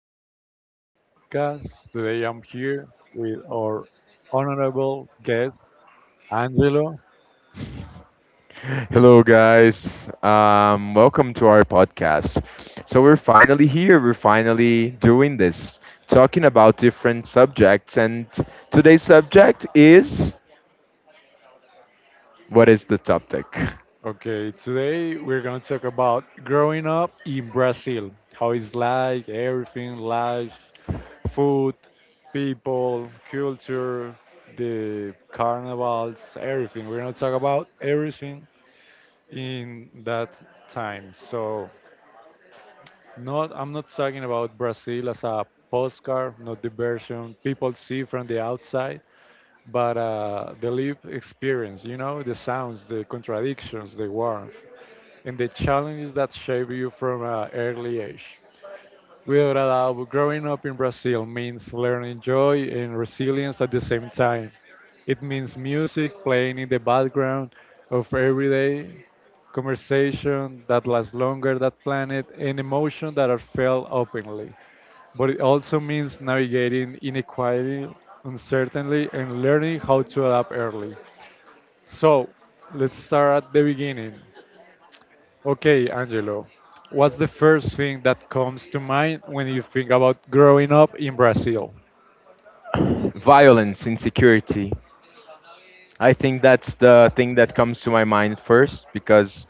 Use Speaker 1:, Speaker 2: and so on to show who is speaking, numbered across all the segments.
Speaker 1: this new podcast. Today I'm here with our honorable guest, Angelo.
Speaker 2: Hello, guys. Welcome to our podcast. So, we're finally here. We're finally doing this, talking about different subjects. And today's subject is, what is the topic?
Speaker 1: Okay, today we're going to talk about growing up in Brazil, how it's like, everything, life, food, people, culture, the carnivals, everything. We're going to talk about everything in that time. So, Not, I'm not talking about Brazil as a postcard, not the version people see from the outside, but the lived experience, you know, the sounds, the contradictions, the warmth, and the challenges that shape you from an early age. Without a doubt, growing up in Brazil means learning joy and resilience at the same time. It means music playing in the background of everyday conversation that lasts longer than planned and emotions that are felt openly. But it also means navigating inequality, uncertainty, and learning how to adapt early. So let's start at the beginning. Okay, Angelo, what's the first thing that comes to mind when you think about growing up in Brazil?
Speaker 2: Violence, insecurity. I think that's the thing that comes to my mind first because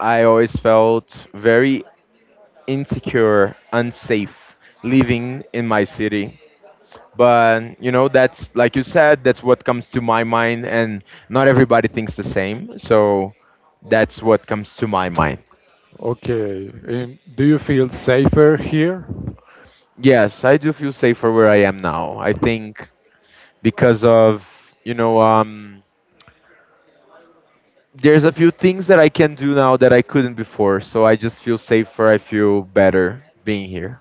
Speaker 2: I always felt very insecure, unsafe living in my city. But you know, that's like you said, that's what comes to my mind, and not everybody thinks the same, so that's what comes to my mind.
Speaker 1: Okay, do you feel safer here?
Speaker 2: Yes, I do feel safer where I am now. I think because of, you know, there's a few things that I can do now that I couldn't before, so I just feel safer. I feel better being here.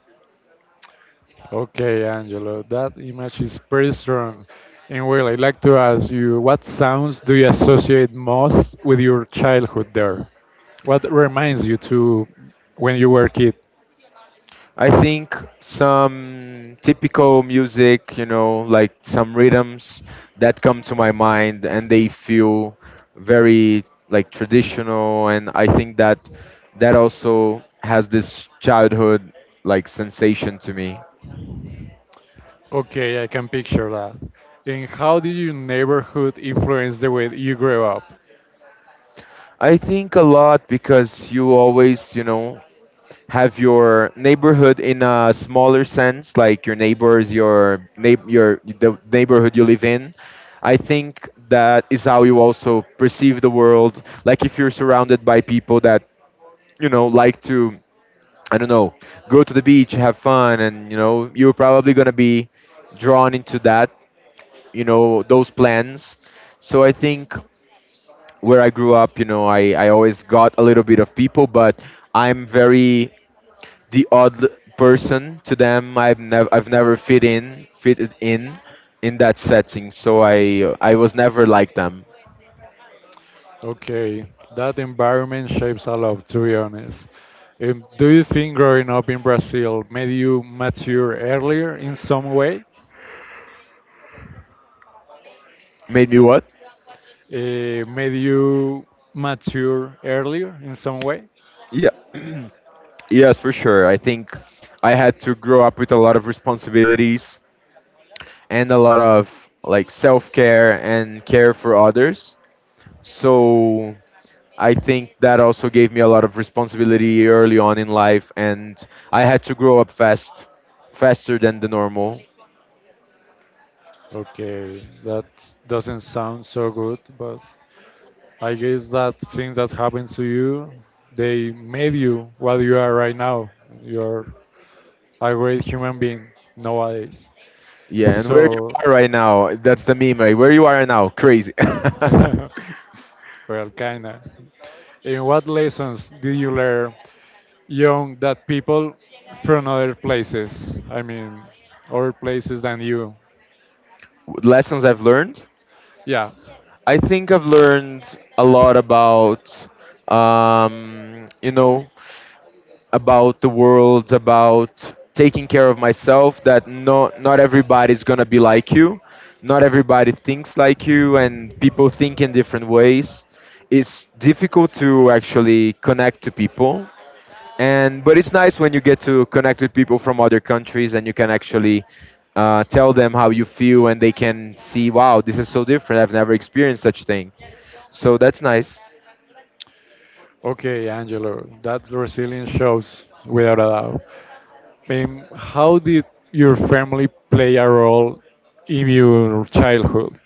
Speaker 1: Okay, Angelo, that image is pretty strong. And well, I'd like to ask you, what sounds do you associate most with your childhood there? What reminds you to when you were a kid?
Speaker 2: I think some typical music, you know, like some rhythms that come to my mind and they feel very like traditional, and I think that that also has this childhood like sensation to me.
Speaker 1: Okay, I can picture that. And how did your neighborhood influence the way you grew up?
Speaker 2: I think a lot, because you always, you know, have your neighborhood in a smaller sense, like your neighbors, your the neighborhood you live in. I think that is how you also perceive the world. Like if you're surrounded by people that you know like to, I don't know, go to the beach, have fun, and you know you're probably gonna be drawn into that, you know, those plans. So I think where I grew up, you know, I always got a little bit of people, but I'm very the person to them. I've never fitted in that setting. So I was never like them.
Speaker 1: Okay, that environment shapes a lot, to be honest. Do you think growing up in Brazil made you mature earlier in some way?
Speaker 2: Made me what?
Speaker 1: Made you mature earlier in some way?
Speaker 2: Yeah. Yes, for sure. I think I had to grow up with a lot of responsibilities and a lot of like self-care and care for others. So I think that also gave me a lot of responsibility early on in life, and I had to grow up fast, faster than the normal.
Speaker 1: Okay, that doesn't sound so good, but I guess that things that happened to you, they made you what you are right now. You're a great human being nowadays.
Speaker 2: Yeah, and where you
Speaker 1: So,
Speaker 2: are right now, that's the meme, right? Where you are right now, crazy.
Speaker 1: well, kinda. And what lessons did you learn young that people from other places? I mean, other places than you.
Speaker 2: Lessons I've learned.
Speaker 1: Yeah.
Speaker 2: I think I've learned a lot about, you know, about the world, about taking care of myself. That not everybody's gonna be like you, not everybody thinks like you, and people think in different ways. It's difficult to actually connect to people, and but it's nice when you get to connect with people from other countries and you can actually tell them how you feel, and they can see, wow, this is so different. I've never experienced such thing. So that's nice.
Speaker 1: Okay, Angelo, that resilience shows without a doubt. And how did your family play a role in your childhood?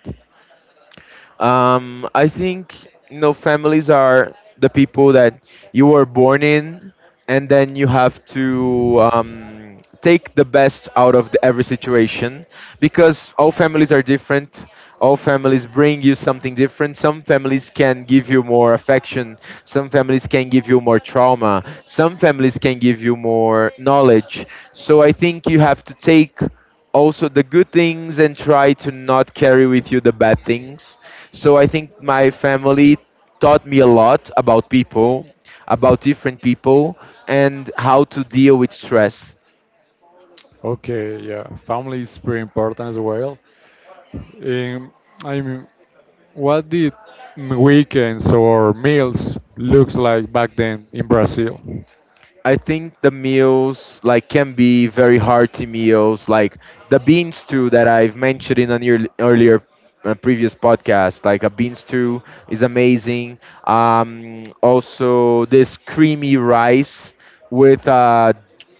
Speaker 2: I think you know families are the people that you were born in, and then you have to take the best out of every situation, because all families are different. All families bring you something different. Some families can give you more affection. Some families can give you more trauma. Some families can give you more knowledge. So I think you have to take also the good things and try to not carry with you the bad things. So I think my family taught me a lot about people, about different people, and how to deal with stress.
Speaker 1: Okay, yeah, family is pretty important as well. And I mean, what did weekends or meals looks like back then in Brazil?
Speaker 2: I think the meals like can be very hearty meals, like the bean stew that I've mentioned in an earlier previous podcast. Like a bean stew is amazing. Also, this creamy rice with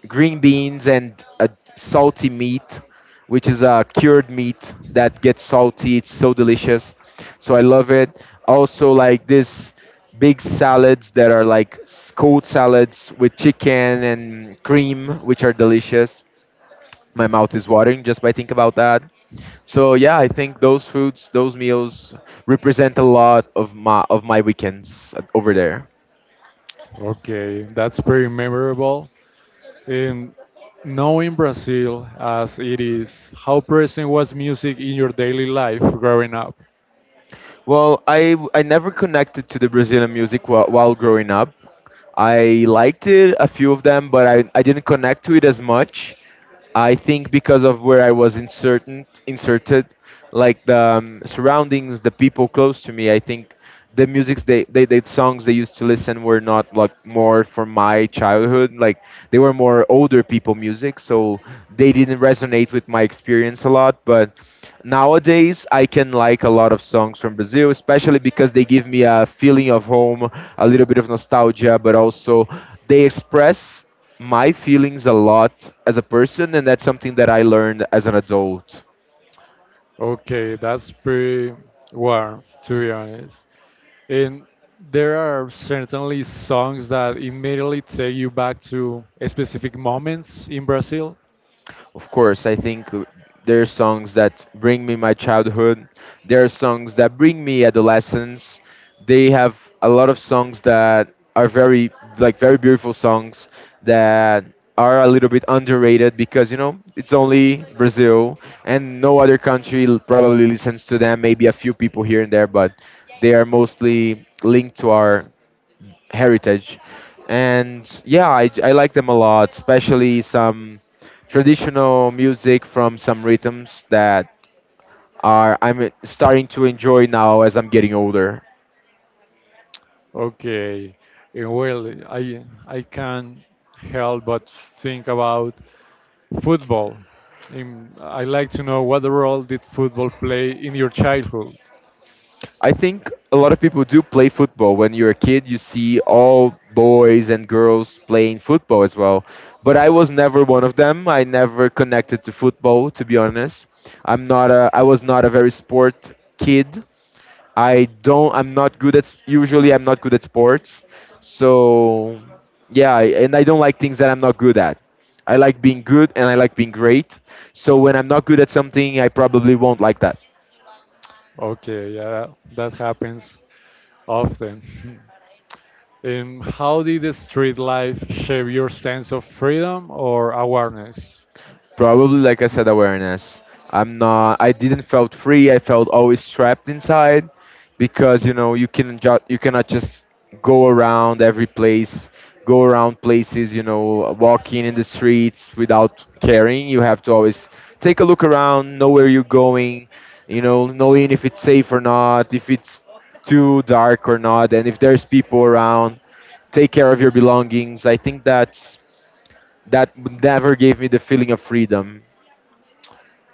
Speaker 2: green beans and a salty meat, which is a cured meat that gets salty. It's so delicious, so I love it. Also, like this big salads that are like cold salads with chicken and cream, which are delicious. My mouth is watering just by think about that. So yeah, I think those foods, those meals represent a lot of my weekends over there.
Speaker 1: Okay, that's very memorable. And knowing Brazil as it is, how present was music in your daily life growing up?
Speaker 2: Well, I never connected to the Brazilian music while growing up. I liked it, a few of them, but I didn't connect to it as much. I think because of where I was inserted, like the surroundings, the people close to me. I think the musics they the songs they used to listen were not like more from my childhood, like they were more older people music, so they didn't resonate with my experience a lot, but nowadays I can like a lot of songs from Brazil, especially because they give me a feeling of home, a little bit of nostalgia, but also they express my feelings a lot as a person, and that's something that I learned as an adult.
Speaker 1: Okay, that's pretty warm, to be honest. And there are certainly songs that immediately take you back to specific moments in Brazil.
Speaker 2: Of course, I think there are songs that bring me my childhood. There are songs that bring me adolescence. They have a lot of songs that are very like very beautiful songs that are a little bit underrated, because you know it's only Brazil, and no other country probably listens to them. Maybe a few people here and there, but they are mostly linked to our heritage. And yeah, I like them a lot, especially some traditional music from some rhythms that are I'm starting to enjoy now as I'm getting older.
Speaker 1: Okay, and well, I can't help but think about football. In, I like to know what role did football play in your childhood?
Speaker 2: I think a lot of people do play football. When you're a kid, you see all boys and girls playing football as well. But I was never one of them. I never connected to football, to be honest. I'm not a. I was not a very sport kid. I don't. I'm not good at. Usually, I'm not good at sports. So, yeah, and I don't like things that I'm not good at. I like being good and I like being great. So when I'm not good at something, I probably won't like that.
Speaker 1: Okay, yeah, that happens often. And how did the street life shape your sense of freedom or awareness?
Speaker 2: Probably, like I said, awareness. I'm not. I didn't felt free. I felt always trapped inside, because you know you can you cannot just go around every place, go around places. You know, walking in the streets without caring. You have to always take a look around, know where you're going. You know, knowing if it's safe or not, if it's too dark or not, and if there's people around. Take care of your belongings. I think that's that never gave me the feeling of freedom.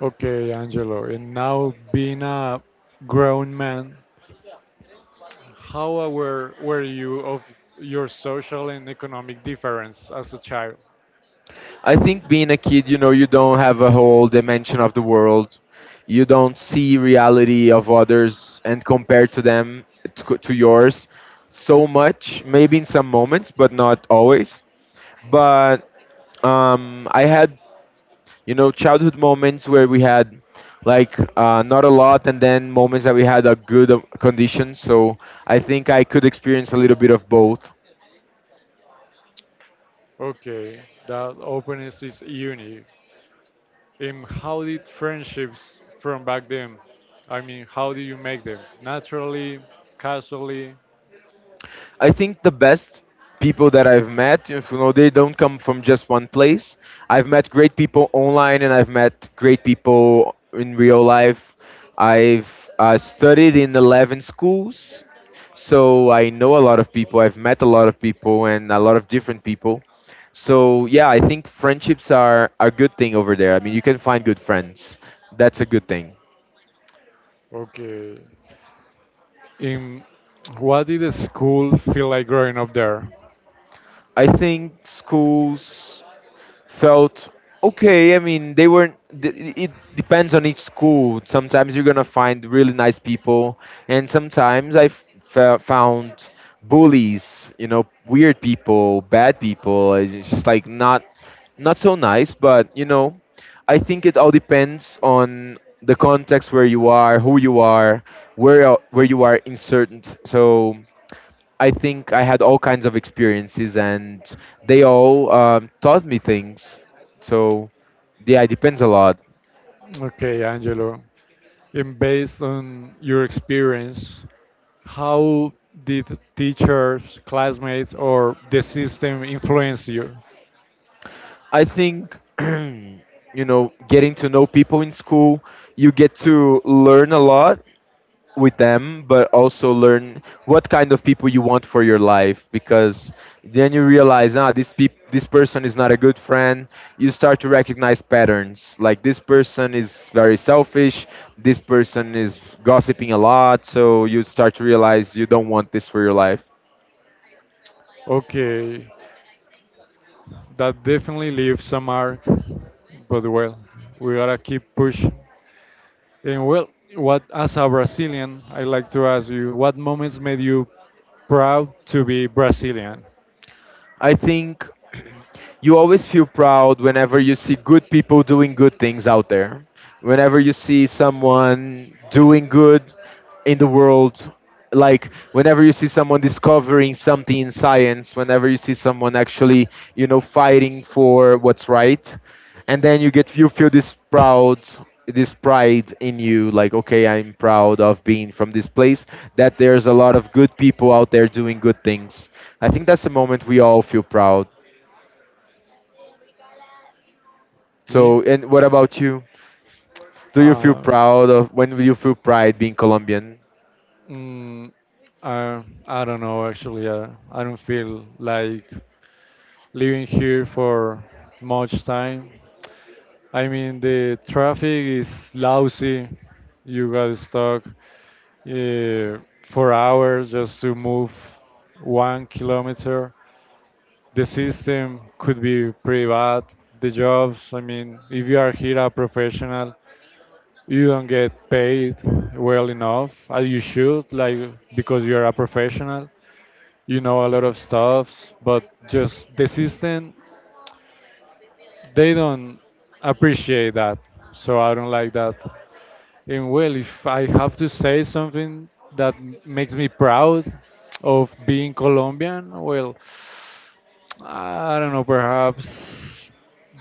Speaker 1: Okay, Angelo, and now being a grown man, how aware were you of your social and economic difference as a child?
Speaker 2: I think being a kid, you know, you don't have a whole dimension of the world. You don't see reality of others and compare to them to yours so much. Maybe in some moments, but not always. But I had, you know, childhood moments where we had like not a lot, and then moments that we had a good condition. So I think I could experience a little bit of both.
Speaker 1: Okay, that openness is unique. And how did friendships from back then? I mean, how did you make them? Naturally, casually?
Speaker 2: I think the best people that I've met, you know, they don't come from just one place. I've met great people online and I've met great people in real life. I've studied in 11 schools, so I know a lot of people. I've met a lot of people and a lot of different people. So yeah, I think friendships are a good thing over there. I mean, you can find good friends. That's a good thing.
Speaker 1: Okay. In what did the school feel like growing up there?
Speaker 2: I think schools felt okay. I mean, they weren't. It depends on each school. Sometimes you're gonna find really nice people, and sometimes I found bullies. You know, weird people, bad people. It's just like not so nice. But you know, I think it all depends on the context where you are, who you are, where you are in certain. So I think I had all kinds of experiences, and they all taught me things. So, yeah, it depends a lot.
Speaker 1: Okay, Angelo. And based on your experience, how did teachers, classmates, or the system influence you?
Speaker 2: I think, you know, getting to know people in school, you get to learn a lot with them, but also learn what kind of people you want for your life. Because then you realize, ah, this peop this person is not a good friend. You start to recognize patterns. Like this person is very selfish. This person is gossiping a lot. So you start to realize you don't want this for your life.
Speaker 1: Okay. That definitely leaves a mark, but well, we gotta keep pushing. And well, what as a Brazilian, I like to ask you, what moments made you proud to be Brazilian?
Speaker 2: I think you always feel proud whenever you see good people doing good things out there. Whenever you see someone doing good in the world, like whenever you see someone discovering something in science, whenever you see someone actually, you know, fighting for what's right, and then you feel this proud this pride in you, like, okay, I'm proud of being from this place, that there's a lot of good people out there doing good things. I think that's the moment we all feel proud. So,
Speaker 1: Me?
Speaker 2: and what about you? Do you feel
Speaker 1: Uh,
Speaker 2: proud of when do you feel pride being Colombian?
Speaker 1: mm, I don't know actually. I don't feel like living here for much time. I mean, the traffic is lousy. You got stuck uh, for hours just to move 1 kilometer. The system could be pretty bad. The jobs, I mean, if you are here a professional, you don't get paid well enough as you should, like because you're a professional, you know a lot of stuff, but just the system, they don't appreciate that. So I don't like that. And well, if I have to say something that makes me proud of being Colombian, well, I don't know, perhaps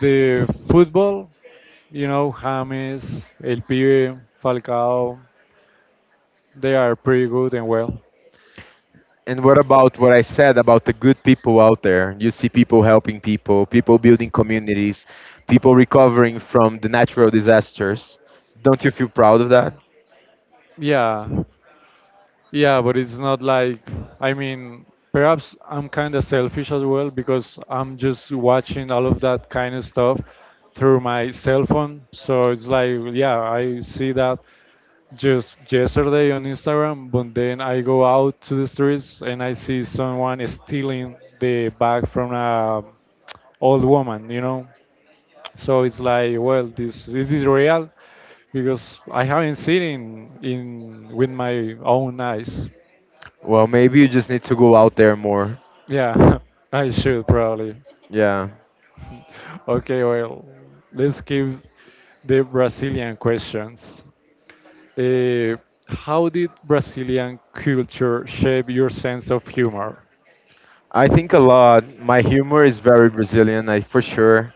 Speaker 1: the football, you know, James, El Pibe, Falcao, they are pretty good and well.
Speaker 2: And what about what I said about the good people out there? You see people helping people, people building communities, people recovering from the natural disasters. Don't you feel proud of that?
Speaker 1: Yeah, yeah, but it's not like, I mean, perhaps I'm kind of selfish as well because I'm just watching all of that kind of stuff through my cell phone. So it's like, yeah, I see that just yesterday on Instagram, but then I go out to the streets and I see someone stealing the bag from a old woman, you know? So it's like, well, this is this real? Because I haven't seen it in with my own eyes.
Speaker 2: Well, maybe you just need to go out there more.
Speaker 1: Yeah, I should probably.
Speaker 2: Yeah.
Speaker 1: Okay, well, let's give the Brazilian questions. Uh, how did Brazilian culture shape your sense of humor?
Speaker 2: I think a lot. My humor is very Brazilian, I for sure.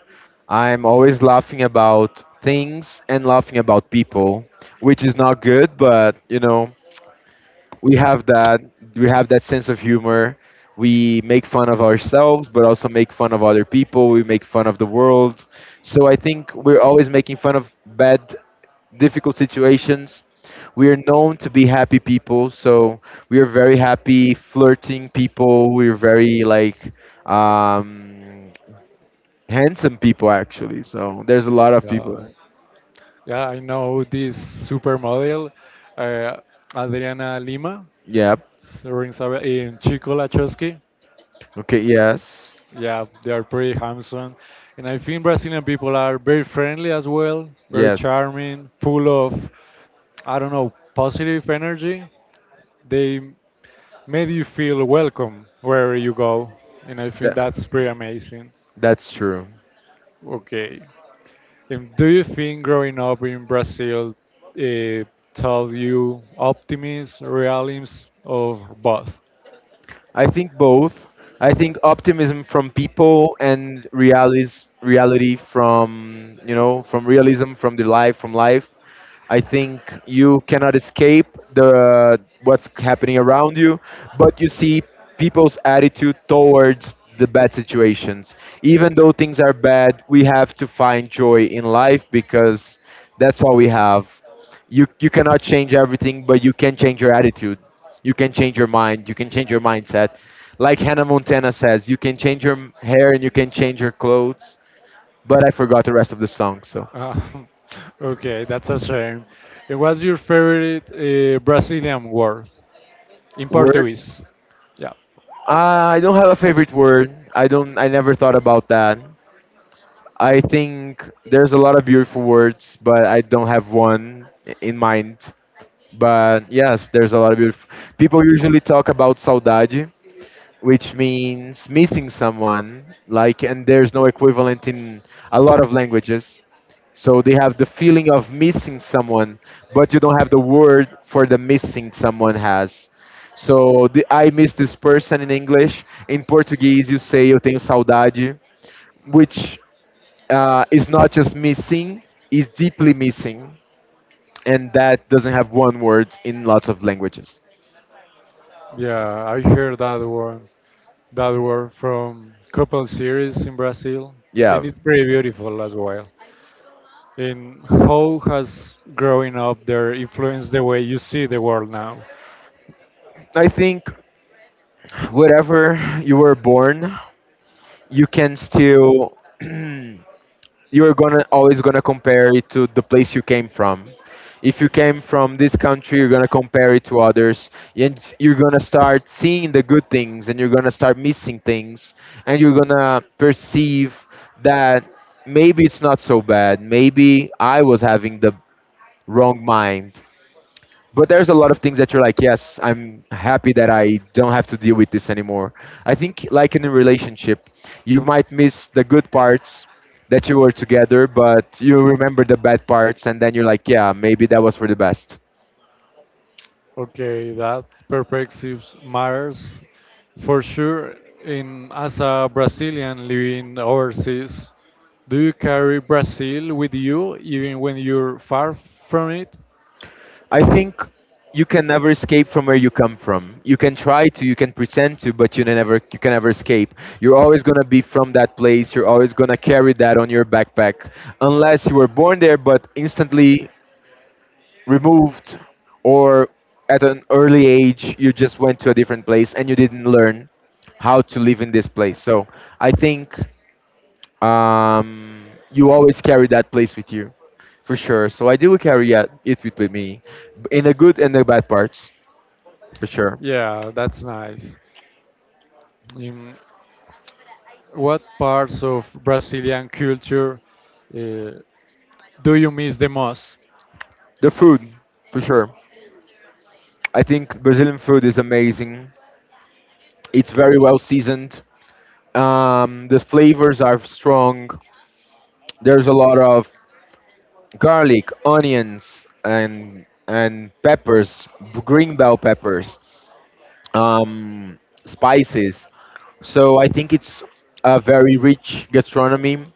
Speaker 2: I'm always laughing about things and laughing about people, which is not good, but, we have that we have that sense of humor. We make fun of ourselves, but also make fun of other people, we make fun of the world. So I think we're always making fun of bad, difficult situations. We are known to be happy people, so we are very happy, flirting people, we're very like, um handsome people, actually, so there's a lot of
Speaker 1: Yeah,
Speaker 2: people.
Speaker 1: yeah, I know this supermodel, uh, Adriana Lima,
Speaker 2: Yeah,
Speaker 1: rings a in Chico Lachowski.
Speaker 2: okay, yes,
Speaker 1: Yeah, they are pretty handsome. And I think Brazilian people are very friendly as well, very
Speaker 2: yes,
Speaker 1: charming, full of, I don't know, positive energy. They made you feel welcome wherever you go. And I think
Speaker 2: that
Speaker 1: that's pretty amazing.
Speaker 2: that's true.
Speaker 1: Okay. And do you think growing up in Brazil uh, taught you optimism, realism, or both?
Speaker 2: I think both. I think optimism from people and realities, reality from from realism, from the life, from life. I think you cannot escape the what's happening around you, but you see people's attitude towards the bad situations. Even though things are bad, we have to find joy in life, because that's all we have. You cannot change everything, but you can change your attitude, you can change your mind, you can change your mindset. Like Hannah Montana says, you can change your hair and you can change your clothes, but I forgot the rest of the song. So,
Speaker 1: Um, okay, that's a shame. And what's your favorite Brazilian word in
Speaker 2: word.
Speaker 1: Portuguese? Yeah,
Speaker 2: Ah, I don't have a favorite word, I don't, I never thought about that. I think there's a lot of beautiful words, but I don't have one in mind. But yes, there's a lot of beautiful, people usually talk about saudade, which means missing someone, like, and there's no equivalent in a lot of languages. So they have the feeling of missing someone, but you don't have the word for the missing someone has. So the, I miss this person in English, in Portuguese you say eu tenho saudade, which is not just missing, is deeply missing, and that doesn't have one word in lots of languages.
Speaker 1: yeah, I heard that word from couple series in Brazil,
Speaker 2: Yeah,
Speaker 1: and it's pretty beautiful as well. And how has growing up there influenced the way you see the world now?
Speaker 2: I think wherever you were born, you can still you're gonna always gonna compare it to the place you came from. If you came from this country, you're gonna compare it to others, and you're gonna start seeing the good things, and you're gonna start missing things, and you're gonna perceive that maybe it's not so bad, maybe I was having the wrong mind. But there's a lot of things that you're like, yes, I'm happy that I don't have to deal with this anymore. I think, like in a relationship, you might miss the good parts that you were together, but you remember the bad parts, and then you're like, yeah, maybe that was for the best.
Speaker 1: Okay, that perspective matters for sure. In as a Brazilian living overseas, do you carry Brazil with you even when you're far from it?
Speaker 2: I think you can never escape from where you come from. You can try to, you can pretend to, but you never, you can never escape. You're always gonna be from that place. You're always gonna carry that on your backpack, unless you were born there, but instantly removed, or at an early age you just went to a different place and you didn't learn how to live in this place. So I think, um, you always carry that place with you for sure. So I do carry it with me, in the good and the bad parts, for sure.
Speaker 1: Yeah, that's nice. In what parts of Brazilian culture uh, do you miss the most?
Speaker 2: The food, for sure. I think Brazilian food is amazing. It's very well seasoned. The flavors are strong, there's a lot of garlic, onions, and peppers, b- green bell peppers, um, spices. So I think it's a very rich gastronomy,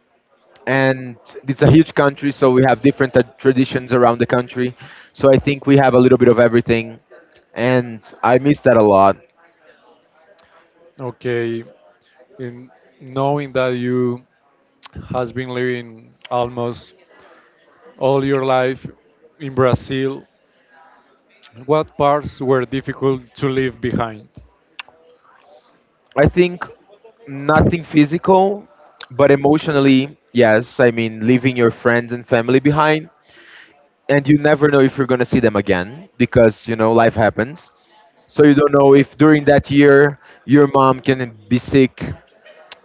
Speaker 2: and it's a huge country. So we have different traditions around the country. So I think we have a little bit of everything, and I miss that a lot.
Speaker 1: Okay, in knowing that you has been living almost all your life in Brazil, what parts were difficult to leave behind?
Speaker 2: I think nothing physical, but emotionally, yes. I mean, leaving your friends and family behind, and you never know if you're going to see them again, because you know life happens. So you don't know if during that year your mom can be sick,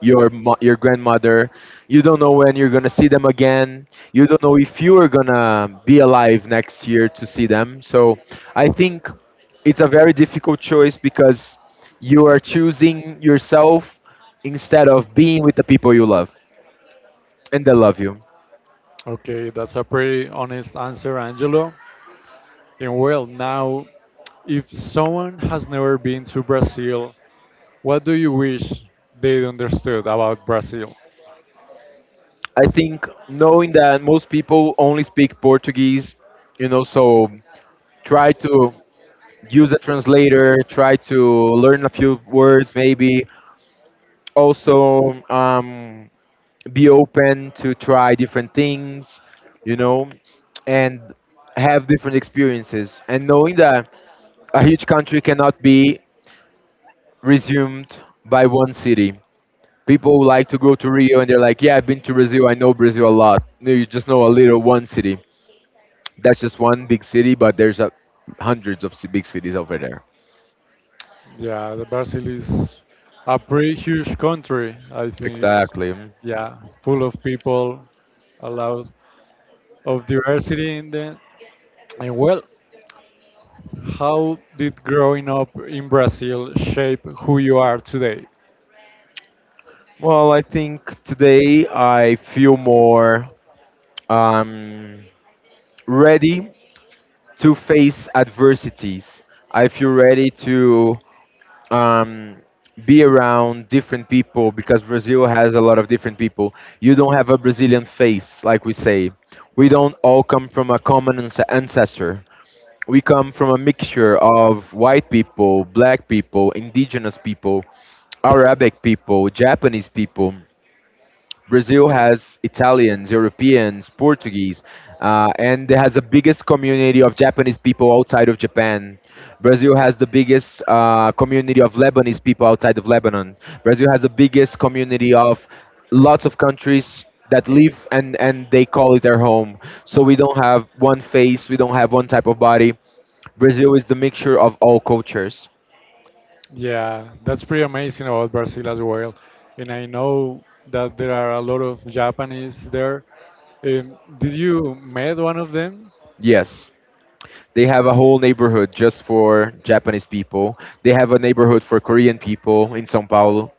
Speaker 2: your mo- your grandmother, you don't know when you're going to see them again, you don't know if you are going to be alive next year to see them. So I think it's a very difficult choice, because you are choosing yourself instead of being with the people you love and they love you.
Speaker 1: Okay, that's a pretty honest answer, Angelo. And well, now, if someone has never been to Brazil, what do you wish they understood about Brazil?
Speaker 2: I think knowing that most people only speak Portuguese, you know, so try to use a translator, try to learn a few words maybe. Also, be open to try different things, you know, and have different experiences. And knowing that a huge country cannot be resumed by one city. People like to go to Rio and they're like, yeah, I've been to Brazil, I know Brazil a lot. No, you just know a little one city. That's just one big city, but there's hundreds of ci- big cities over there.
Speaker 1: Yeah, the Brazil is a pretty huge country. I think it's
Speaker 2: Exactly.
Speaker 1: yeah, full of people, a lot of diversity in the and well, how did growing up in Brazil shape who you are today?
Speaker 2: Well, I think today I feel more um, ready to face adversities. I feel ready to um, be around different people, because Brazil has a lot of different people. You don't have a Brazilian face, like we say. We don't all come from a common ans- ancestor. We come from a mixture of white people, black people, indigenous people, Arabic people, Japanese people. Brazil has Italians, Europeans, Portuguese, and it has the biggest community of Japanese people outside of Japan. Brazil has the biggest community of Lebanese people outside of Lebanon. Brazil has the biggest community of lots of countries that live and, they call it their home. So we don't have one face, we don't have one type of body. Brazil is the mixture of all cultures.
Speaker 1: Yeah, that's pretty amazing about Brazil as well. And I know that there are a lot of Japanese there. Did you met one of them?
Speaker 2: Yes. They have a whole neighborhood just for Japanese people. They have a neighborhood for Korean people in São Paulo,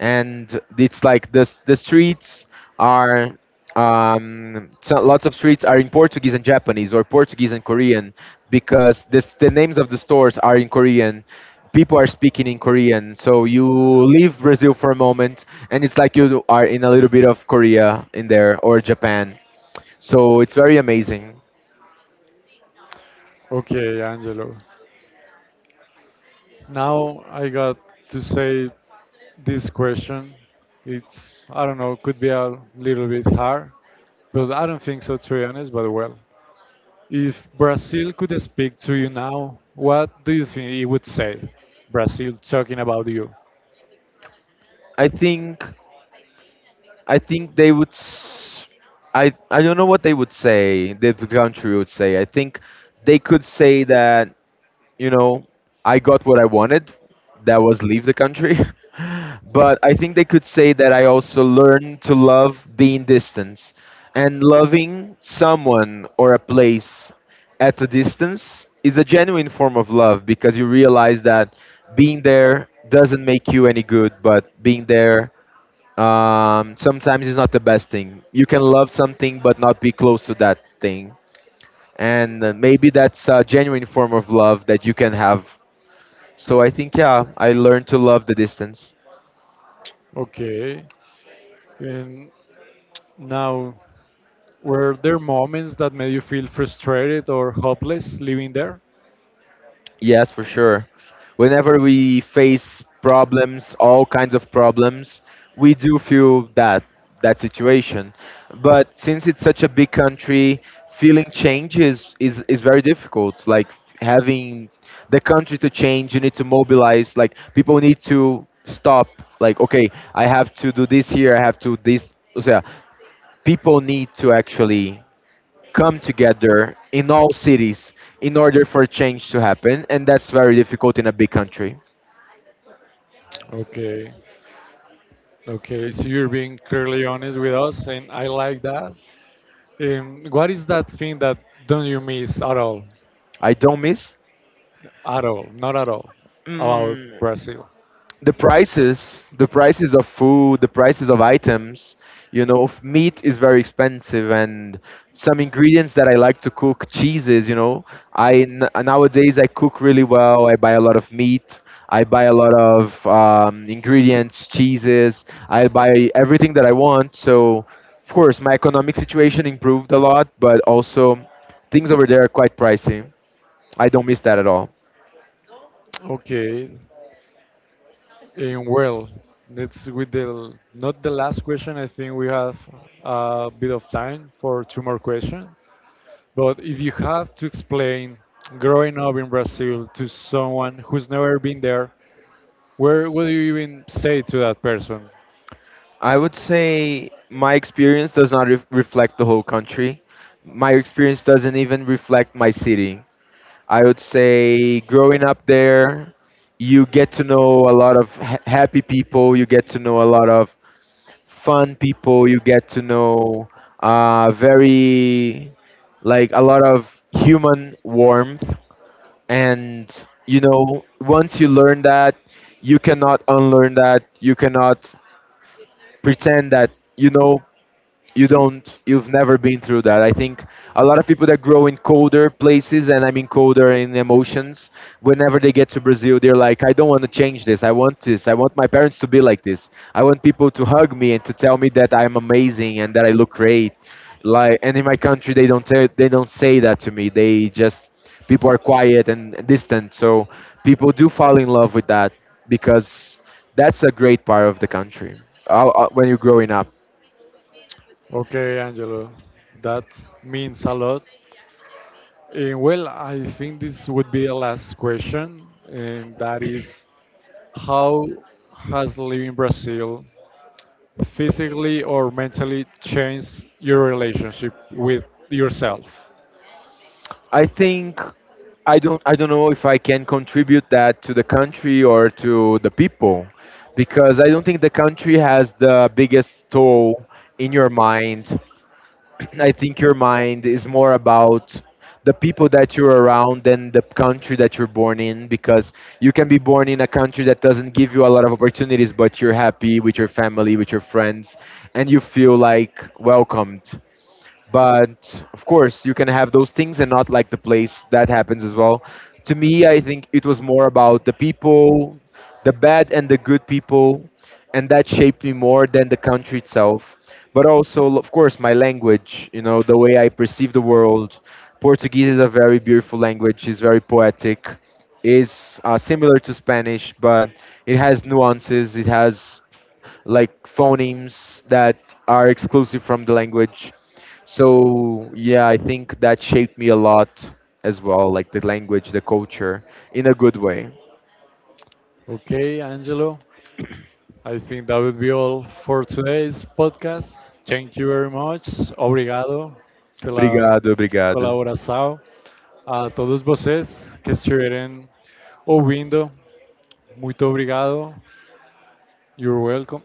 Speaker 2: and it's like the s- the streets are, so lots of streets are in Portuguese and Japanese, or Portuguese and Korean, because this, the names of the stores are in Korean. People are speaking in Korean, so you leave Brazil for a moment, and it's like you are in a little bit of Korea in there, or Japan. So it's very amazing.
Speaker 1: Okay, Angelo. Now I got to say this question. It's, I don't know, could be a little bit hard, but I don't think so, to be honest, but well. If Brazil could speak to you now, what do you think it would say? Brazil talking about you.
Speaker 2: I think, I think they would. S- I don't know what they would say. The country would say. I think they could say that, you know, I got what I wanted. That was leave the country. But I think they could say that I also learned to love being distance, and loving someone or a place at a distance is a genuine form of love, because you realize that being there doesn't make you any good, but being there, sometimes it's not the best thing. You can love something but not be close to that thing, and maybe that's a genuine form of love that you can have. So I think yeah, I learned to love the distance.
Speaker 1: Okay. And now were there moments that made you feel frustrated or hopeless living there?
Speaker 2: Yes, for sure. Whenever we face problems, all kinds of problems, we do feel that, that situation. But since it's such a big country, feeling change is very difficult. Like having the country to change, you need to mobilize. Like people need to stop. Like okay, I have to do this here. I have to this. So yeah, people need to actually come together in all cities in order for change to happen, and that's very difficult in a big country.
Speaker 1: Okay, okay. So you're being clearly honest with us, and I like that. What is that thing that don't you miss
Speaker 2: I don't miss.
Speaker 1: at all, not at all, about
Speaker 2: Mm,
Speaker 1: Brazil?
Speaker 2: the prices of food, the prices of items, you know, f- meat is very expensive, and some ingredients that I like to cook, cheeses, you know, I n- nowadays I cook really well, I buy a lot of meat, I buy a lot of ingredients, cheeses, I buy everything that I want. So of course my economic situation improved a lot, but also things over there are quite pricey. I don't miss that at all.
Speaker 1: Okay. Well, that's with the not the last question. I think we have a bit of time for two more questions. But if you have to explain growing up in Brazil to someone who's never been there, where would you even say to that person?
Speaker 2: I would say my experience does not ref reflect the whole country. My experience doesn't even reflect my city. I would say growing up there, you get to know a lot of ha happy people, you get to know a lot of fun people, you get to know, very, like, a lot of human warmth. And, you know, once you learn that, you cannot unlearn that, you cannot pretend that, you know, you don't, you've never been through that. I think a lot of people that grow in colder places, and I mean colder in emotions, whenever they get to Brazil, they're like, I don't want to change this, I want this, I want my parents to be like this, I want people to hug me and to tell me that I'm amazing and that I look great, like, and in my country they don't tell, they don't say that to me, they just, people are quiet and distant. So people do fall in love with that, because that's a great part of the country, when you're growing up.
Speaker 1: Okay, Angelo, that means a lot. And well, I think this would be the last question, and that is how has living in Brazil physically or mentally changed your relationship with yourself?
Speaker 2: I think I don't, I don't know if I can contribute that to the country or to the people, because I don't think the country has the biggest toll in your mind. I think your mind is more about the people that you're around than the country that you're born in, because you can be born in a country that doesn't give you a lot of opportunities, but you're happy with your family, with your friends, and you feel like welcomed. But of course you can have those things and not like the place, that happens as well. To me, I think it was more about the people, the bad and the good people, and that shaped me more than the country itself. But also of course my language, you know, the way I perceive the world. Portuguese is a very beautiful language, it's very poetic, is similar to Spanish, but it has nuances, it has like phonemes that are exclusive from the language. So yeah, I think that shaped me a lot as well, like the language, the culture, in a good way.
Speaker 1: Okay, Angelo, I think that would be all for today's podcast. Thank you very much. Obrigado pela
Speaker 2: Obrigado, obrigado.
Speaker 1: colaboração. A todos vocês que estiverem ouvindo, muito obrigado. You're welcome.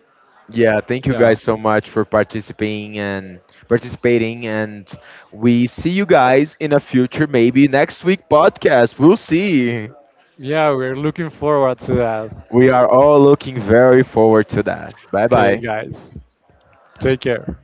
Speaker 2: Yeah, thank you
Speaker 1: Yeah.
Speaker 2: guys so much for participating and participating and we see you guys in a future maybe next week podcast. We'll see.
Speaker 1: Yeah, we're looking forward to that.
Speaker 2: We are all looking very forward to that. Bye
Speaker 1: Okay,
Speaker 2: bye.
Speaker 1: guys. Take care.